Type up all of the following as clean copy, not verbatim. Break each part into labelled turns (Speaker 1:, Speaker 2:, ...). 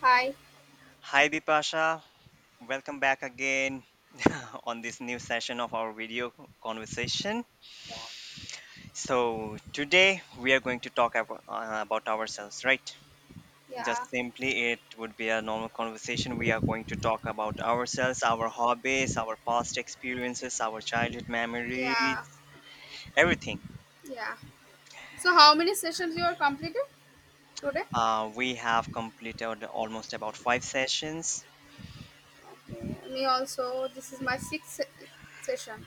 Speaker 1: Hi.
Speaker 2: Hi Bipasha, welcome back again on this new session of our video conversation.
Speaker 1: Yeah.
Speaker 2: So today we are going to talk about ourselves, right?
Speaker 1: Yeah.
Speaker 2: Just simply, it would be a normal conversation. We are going to talk about ourselves, our hobbies, our past experiences, our childhood
Speaker 1: Yeah.
Speaker 2: memories, everything.
Speaker 1: Yeah. So how many sessions you are completed today?
Speaker 2: We have completed almost about five sessions.
Speaker 1: Okay. Me also. This is my sixth session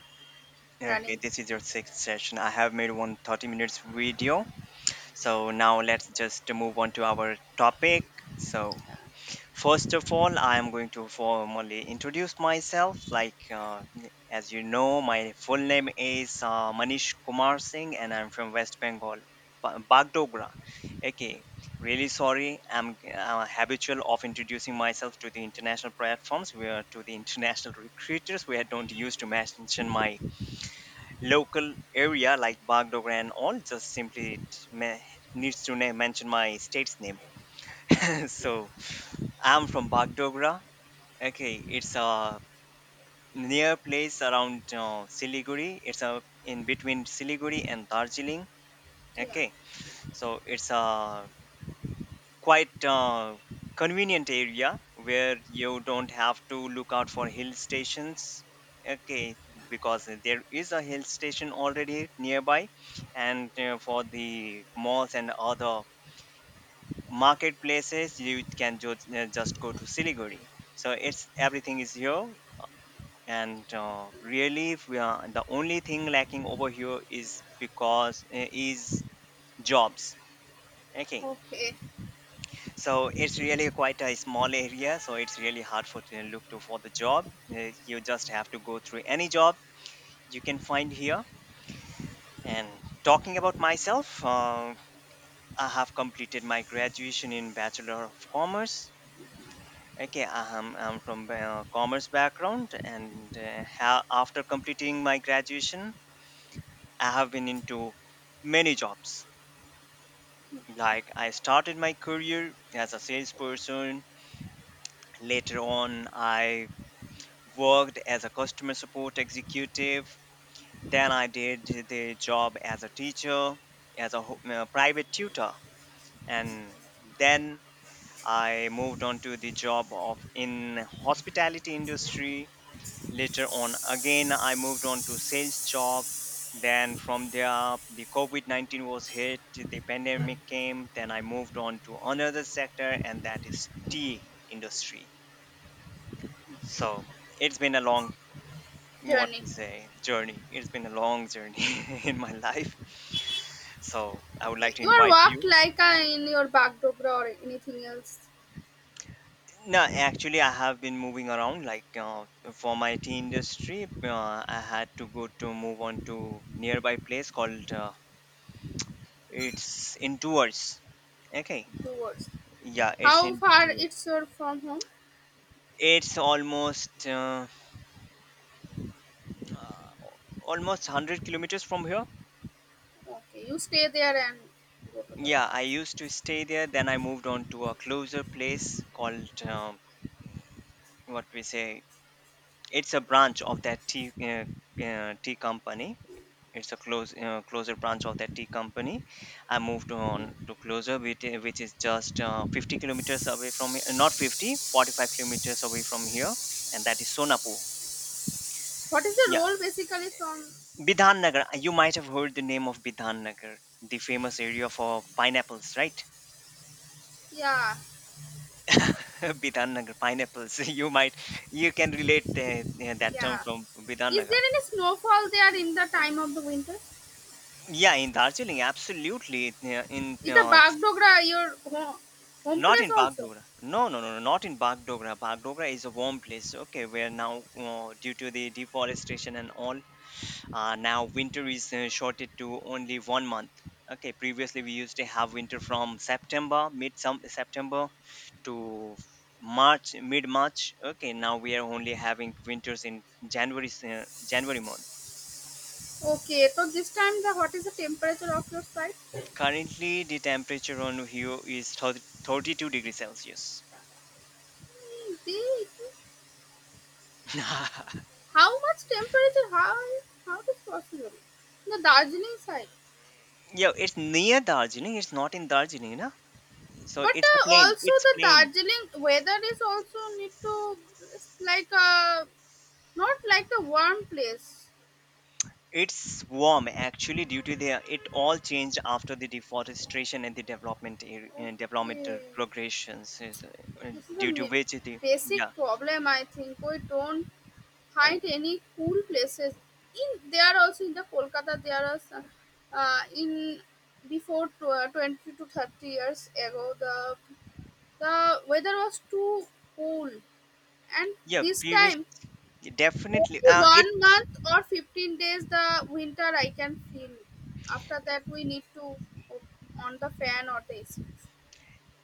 Speaker 2: Okay,
Speaker 1: running.
Speaker 2: this is your sixth session. I have made one 30 minutes video. So now let's just move on to our topic. So first of all, I am going to formally introduce myself. Like as you know, my full name is Manish Kumar Singh, and I'm from West Bengal, Bagdogra. Okay, really sorry. I'm habitual of introducing myself to the international platforms, where to the international recruiters, where I don't use to mention my local area like Bagdogra and all. Just simply me- needs to name, mention my state's name. So I'm from Bagdogra. Okay, it's a near place around Siliguri. It's a in between Siliguri and Darjeeling.
Speaker 1: Yeah.
Speaker 2: Okay, so it's a quite convenient area where you don't have to look out for hill stations, okay, because there is a hill station already nearby. And for the malls and other marketplaces you can just go to Siliguri. So it's everything is here. And really we are, the only thing lacking over here is because is jobs, okay.
Speaker 1: Okay.
Speaker 2: So it's really quite a small area, so it's really hard for to look to for the job. You just have to go through any job you can find here. And talking about myself, I have completed my graduation in Bachelor of Commerce. Okay, I'm from commerce background, and after completing my graduation, I have been into many jobs. Like I started my career as a salesperson. Later on, I worked as a customer support executive. Then I did the job as a teacher, as a private tutor, and then I moved on to the job of in hospitality industry. Later on, again I moved on to sales job. Then from there, the COVID 19 was hit, the pandemic came. Then I moved on to another sector, and that is tea industry. So it's been a long what
Speaker 1: Journey.
Speaker 2: to say journey. It's been a long journey in my life. So I would like
Speaker 1: Okay.
Speaker 2: to
Speaker 1: You are
Speaker 2: invite
Speaker 1: walked
Speaker 2: you.
Speaker 1: like in your Bagdogra or anything else
Speaker 2: No, actually I have been moving around like for my tea industry. I had to go to move on to nearby place called it's in Tours. Okay,
Speaker 1: towards.
Speaker 2: yeah, it's
Speaker 1: How
Speaker 2: in
Speaker 1: far
Speaker 2: Tours.
Speaker 1: it's your from home?
Speaker 2: It's almost uh, almost 100 kilometers from here.
Speaker 1: Okay. You stay there and
Speaker 2: Yeah, I used to stay there, then I moved on to a closer place called what we say. It's a branch of that tea company. It's a closer branch of that tea company. I moved on to closer, which is just 50 kilometers away from here. Not 50, 45 kilometers away from here, and that is Sonapur.
Speaker 1: what is the
Speaker 2: Yeah,
Speaker 1: role basically from?
Speaker 2: Bidhan Nagar. You might have heard the name of Bidhan Nagar, the famous area for pineapples, right?
Speaker 1: Yeah.
Speaker 2: Bidhan Nagar pineapples. You can relate the, that term
Speaker 1: Yeah.
Speaker 2: from Bidhan.
Speaker 1: Is there any snowfall there in the time of the winter?
Speaker 2: Yeah, in Darjeeling, absolutely. Yeah,
Speaker 1: Is the Bagdogra your home
Speaker 2: not
Speaker 1: place
Speaker 2: in
Speaker 1: also?
Speaker 2: Bagdogra. No, no, no, no, not in Bagdogra. Bagdogra is a warm place. Okay, where now due to the deforestation and all, now winter is shorted to only 1 month. Okay, previously we used to have winter from September, mid some September to March, mid March. Okay, now we are only having winters in January, January month.
Speaker 1: Okay, so this time the what is the temperature of your site?
Speaker 2: Currently, the temperature on here is 30 32 degrees Celsius.
Speaker 1: Hmm. How much temperature? How is possible? The Darjeeling side,
Speaker 2: Yeah, it's near Darjeeling. It's not in Darjeeling, na? So
Speaker 1: but
Speaker 2: it's a plain.
Speaker 1: also
Speaker 2: It's
Speaker 1: the
Speaker 2: plain.
Speaker 1: Darjeeling weather is also need to, it's like not like the warm place.
Speaker 2: It's warm actually due to the it all changed after the deforestation and the development developmental
Speaker 1: Okay,
Speaker 2: progressions is,
Speaker 1: this is a
Speaker 2: due to which the
Speaker 1: basic
Speaker 2: yeah.
Speaker 1: problem, I think. We don't hide any cool places. In they are also in the Kolkata. There are some in before 20 to 30 years ago. The weather was too cool, and
Speaker 2: yeah
Speaker 1: this
Speaker 2: previous
Speaker 1: time
Speaker 2: Definitely
Speaker 1: only
Speaker 2: it
Speaker 1: one month or 15 days the winter I can feel. After that we need to on the fan or the AC.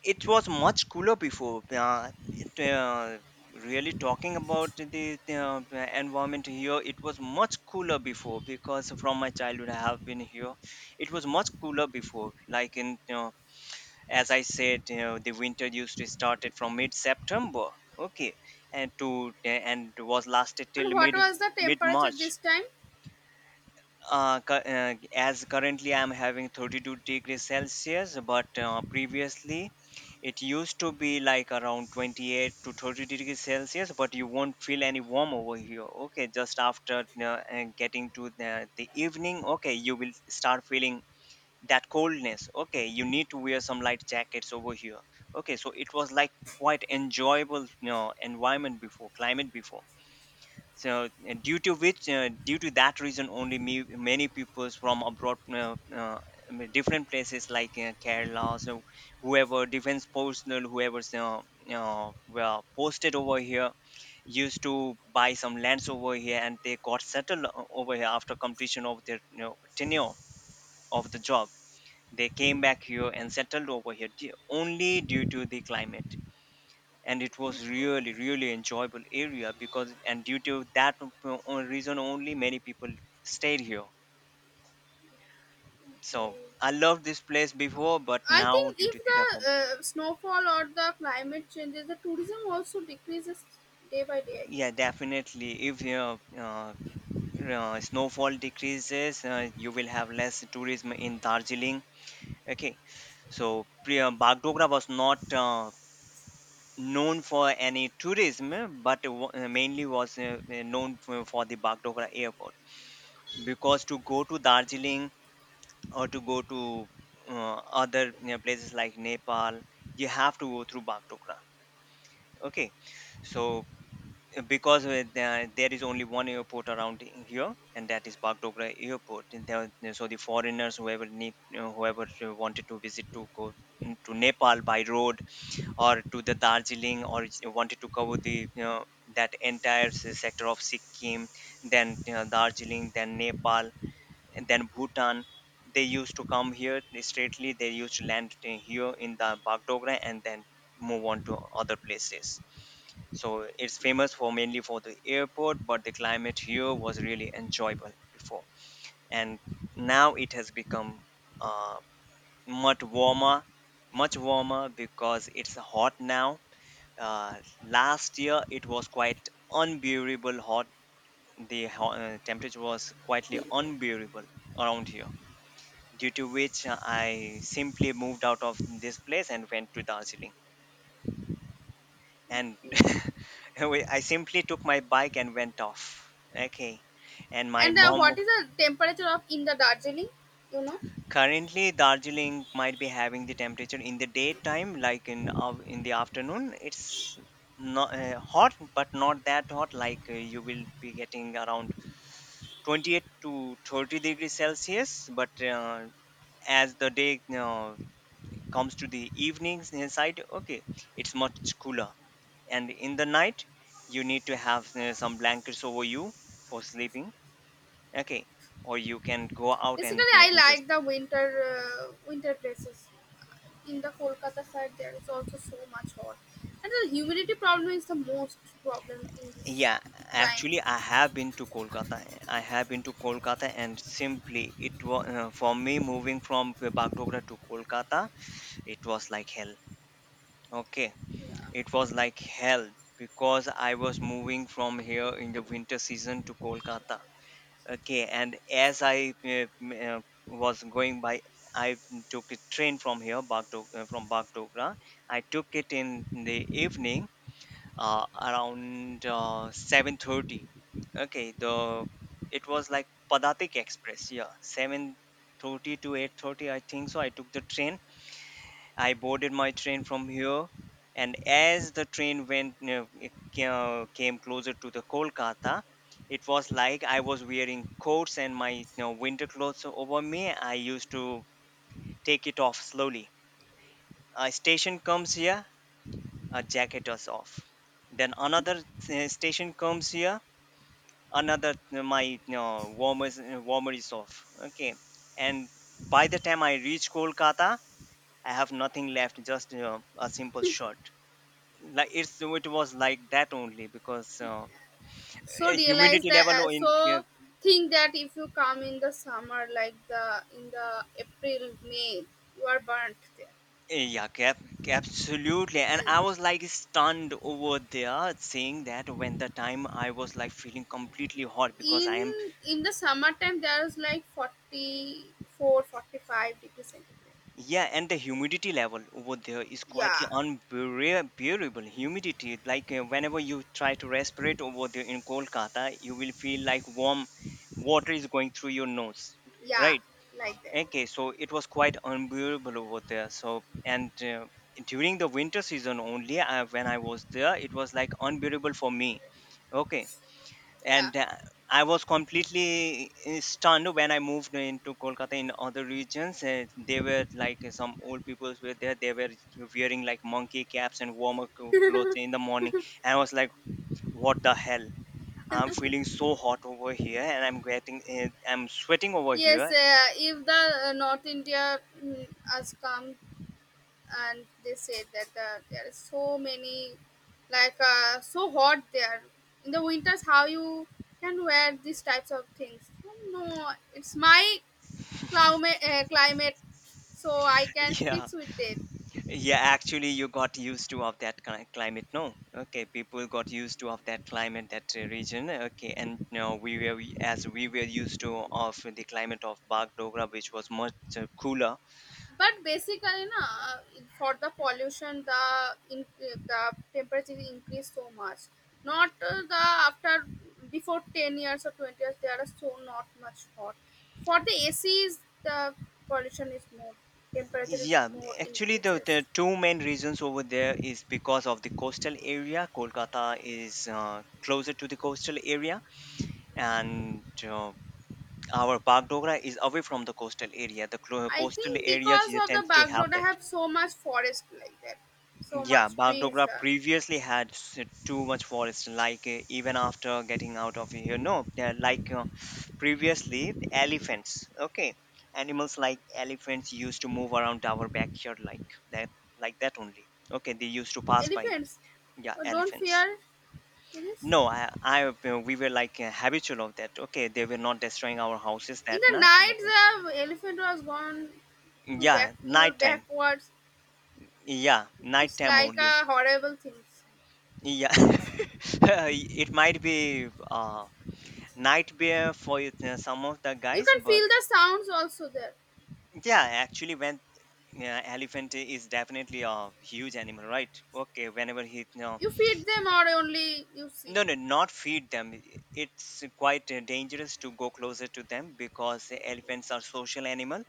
Speaker 2: it was much cooler before. Really talking about the environment here, it was much cooler before because from my childhood I have been here. It was much cooler before. Like in, you know, as I said, you know, the winter used to start it from mid-September, okay, and to and was lasted till
Speaker 1: And what
Speaker 2: mid
Speaker 1: was the temperature
Speaker 2: mid-March
Speaker 1: this time?
Speaker 2: As currently I'm having 32 degrees Celsius, but previously it used to be like around 28 to 30 degrees Celsius, but you won't feel any warm over here. Okay, just after getting to the evening, okay, you will start feeling that coldness. Okay, you need to wear some light jackets over here. Okay, so it was like quite enjoyable, you know, environment before, climate before. So due to which due to that reason only me, many peoples from abroad I mean, different places like Kerala. So whoever defense personnel whoever's well, posted over here used to buy some lands over here and they got settled over here after completion of their, you know, tenure of the job, they came back here and settled over here only due to the climate. And it was really really enjoyable area because and due to that reason only many people stayed here.
Speaker 1: Hmm,
Speaker 2: So I loved this place before, but
Speaker 1: I
Speaker 2: now
Speaker 1: think
Speaker 2: due
Speaker 1: if
Speaker 2: to the development.
Speaker 1: the snowfall or the climate changes, the tourism also decreases day by day, I
Speaker 2: Yeah
Speaker 1: think.
Speaker 2: definitely if your uh, snowfall decreases you will have less tourism in Darjeeling, okay. So Priya Bagdogra was not known for any tourism, eh, but mainly was known for the Bagdogra airport because to go to Darjeeling or to go to other, you know, places like Nepal, you have to go through Bagdogra. Okay, so because there is only one airport around here, and that is Bagdogra Airport. And there, so the foreigners whoever need, you know, whoever wanted to visit to go mm, to Nepal by road or to the Darjeeling or wanted to cover the, you know, that entire sector of Sikkim, then, you know, Darjeeling, then Nepal, and then Bhutan. They used to come here straightly. They used to land in here in the Bagdogra and then move on to other places. So it's famous for mainly for the airport, but the climate here was really enjoyable before, and now it has become uh, much warmer, much warmer because it's hot now. Uh, Last year it was quite unbearable hot. The temperature was quietly unbearable around here due to which I simply moved out of this place and went to Darjeeling. And I simply took my bike and went off. Okay. And my
Speaker 1: And what
Speaker 2: mom
Speaker 1: is the temperature of in the Darjeeling? You know,
Speaker 2: currently Darjeeling might be having the temperature in the daytime, like in the afternoon. It's not hot, but not that hot. Like you will be getting around 28 to 30 degrees Celsius. But as the day comes to the evenings inside, okay, it's much cooler. And in the night you need to have some blankets over you for sleeping, okay, or you can go out and
Speaker 1: basically, I
Speaker 2: enjoy
Speaker 1: like
Speaker 2: some-.
Speaker 1: the winter places. In the Kolkata side, there is also so much hot, and the humidity problem is the most problem in this
Speaker 2: Yeah
Speaker 1: time.
Speaker 2: actually I have been to kolkata I have been to kolkata and simply it was for me moving from Bagdogra to Kolkata, it was like hell, okay,
Speaker 1: Yeah.
Speaker 2: it was like hell because I was moving from here in the winter season to Kolkata. Okay, and as I was going by, I took a train from here, from Bagdogra. I took it in the evening, around 7:30. Okay, the it was like Padatik Express. Yeah, 7:30 to 8:30, I think so. I took the train. I boarded my train from here, and as the train went came closer to the Kolkata, it was like I was wearing coats and my, you know, winter clothes over me. I used to take it off slowly. A station comes here, a jacket is off. Then another station comes here, another my, you know, warmer is off. Okay, and by the time I reach Kolkata, I have nothing left, just, you know, a simple shirt, like it's it was like that only because
Speaker 1: So realize
Speaker 2: humidity
Speaker 1: that.
Speaker 2: level in
Speaker 1: So think that if you come in the summer, like the in the April May, you are burnt there.
Speaker 2: Eh, yeah cap, absolutely. And I was like stunned over there, saying that when the time I was like feeling completely hot because I am
Speaker 1: In the summertime there is like 44, forty five 45 degrees centigrade.
Speaker 2: yeah. And the humidity level over there is quietly
Speaker 1: Yeah,
Speaker 2: unbearable humidity. Like whenever you try to respirate over there in Kolkata, you will feel like warm water is going through your nose,
Speaker 1: yeah,
Speaker 2: right.
Speaker 1: like that.
Speaker 2: Okay, so it was quite unbearable over there. So, and during the winter season only, when I was there, it was like unbearable for me. Okay,
Speaker 1: Yeah.
Speaker 2: and I was completely stunned when I moved into Kolkata in other regions. They were like some old people were there. They were wearing like monkey caps and clothes in the morning. And I was like, what the hell? I'm feeling so hot over here, and I'm getting, I'm sweating over
Speaker 1: Yes,
Speaker 2: here.
Speaker 1: if the north india, has come, and they said that, there is so many like so hot there in the winters. How you can wear these types of things? Oh, no, it's my climate, so I can
Speaker 2: Yeah.
Speaker 1: fix with it.
Speaker 2: Yeah, actually, you got used to of that climate. No, okay, people got used to of that climate, that region. Okay, and now we were as we were used to of the climate of Bagdogra, which was much cooler.
Speaker 1: But basically na, uh, for the pollution, the in, the temperature increase so much. Not the after before 10 years or 20 years there are so not much hot. For the acs, the pollution is more, temperature is
Speaker 2: Yeah,
Speaker 1: more
Speaker 2: actually,
Speaker 1: increases.
Speaker 2: the two main reasons over there is because of the coastal area. Kolkata is closer to the coastal area, and our Bagdogra is away from the coastal area. The
Speaker 1: I
Speaker 2: coastal
Speaker 1: think
Speaker 2: areas
Speaker 1: because
Speaker 2: you
Speaker 1: of the
Speaker 2: tends to have
Speaker 1: background, I
Speaker 2: that.
Speaker 1: have so much forest like that, so
Speaker 2: Yeah,
Speaker 1: much trees
Speaker 2: Bagdogra
Speaker 1: there.
Speaker 2: previously had too much forest. Like even after getting out of here, no, they're like previously the elephants. Okay, animals like elephants used to move around our backyard that, like that only. Okay, they used to pass by.
Speaker 1: Elephants.
Speaker 2: Yeah,
Speaker 1: Don't
Speaker 2: elephants.
Speaker 1: fear this.
Speaker 2: No, we were like habitual of that. Okay, they were not destroying our houses
Speaker 1: In
Speaker 2: that
Speaker 1: the
Speaker 2: night.
Speaker 1: night, the elephant was gone to
Speaker 2: Yeah,
Speaker 1: back your
Speaker 2: nighttime.
Speaker 1: backwards.
Speaker 2: Yeah,
Speaker 1: It's
Speaker 2: nighttime
Speaker 1: like
Speaker 2: only.
Speaker 1: a horrible thing.
Speaker 2: Yeah, it might be. Nightmare for it, some of the
Speaker 1: You
Speaker 2: guys
Speaker 1: can
Speaker 2: but
Speaker 1: feel the sounds also there.
Speaker 2: yeah actually when yeah, elephant is definitely a huge animal, right. Okay, whenever he no.
Speaker 1: You feed them, or only you see.
Speaker 2: No no, not feed them. It's quite dangerous to go closer to them because elephants are social animal.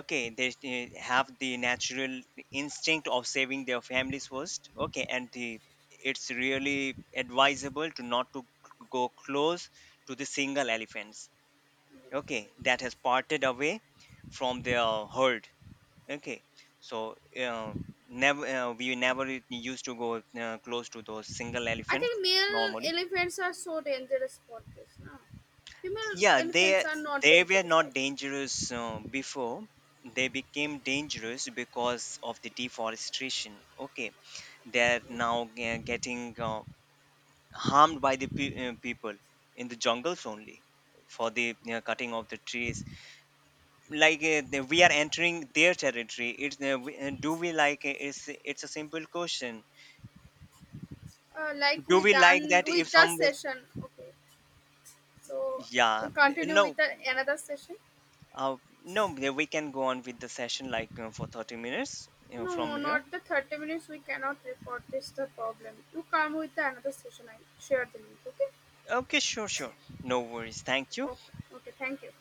Speaker 2: Okay, they have the natural instinct of saving their families first. Okay, and the it's really advisable to not to go close to the single elephants, okay, that has parted away from their herd, okay. So uh, never we never u- used to go close to those single
Speaker 1: I
Speaker 2: elephants.
Speaker 1: think male
Speaker 2: Normally
Speaker 1: elephants are so dangerous for this. No? Female
Speaker 2: yeah they
Speaker 1: elephants are not
Speaker 2: they were
Speaker 1: dangerous, I
Speaker 2: not
Speaker 1: think.
Speaker 2: dangerous before. They became dangerous because of the deforestation, okay. They're now getting harmed by the people in the jungles only for the, you know, cutting of the trees. Like we are entering their territory. It's do we like it? It's a simple question.
Speaker 1: Like
Speaker 2: Do
Speaker 1: we
Speaker 2: we like
Speaker 1: done
Speaker 2: that if
Speaker 1: with the
Speaker 2: some
Speaker 1: session. Okay, so
Speaker 2: yeah
Speaker 1: we continue with
Speaker 2: no
Speaker 1: the, another session.
Speaker 2: uh, no yeah, we can go on with the session like for 30 minutes, you know, from
Speaker 1: No,
Speaker 2: here.
Speaker 1: not the 30 minutes. We cannot report this the problem. You come with another session. I share the link. Okay?
Speaker 2: Okay, sure sure, no worries, thank you.
Speaker 1: Okay. Okay. Thank you.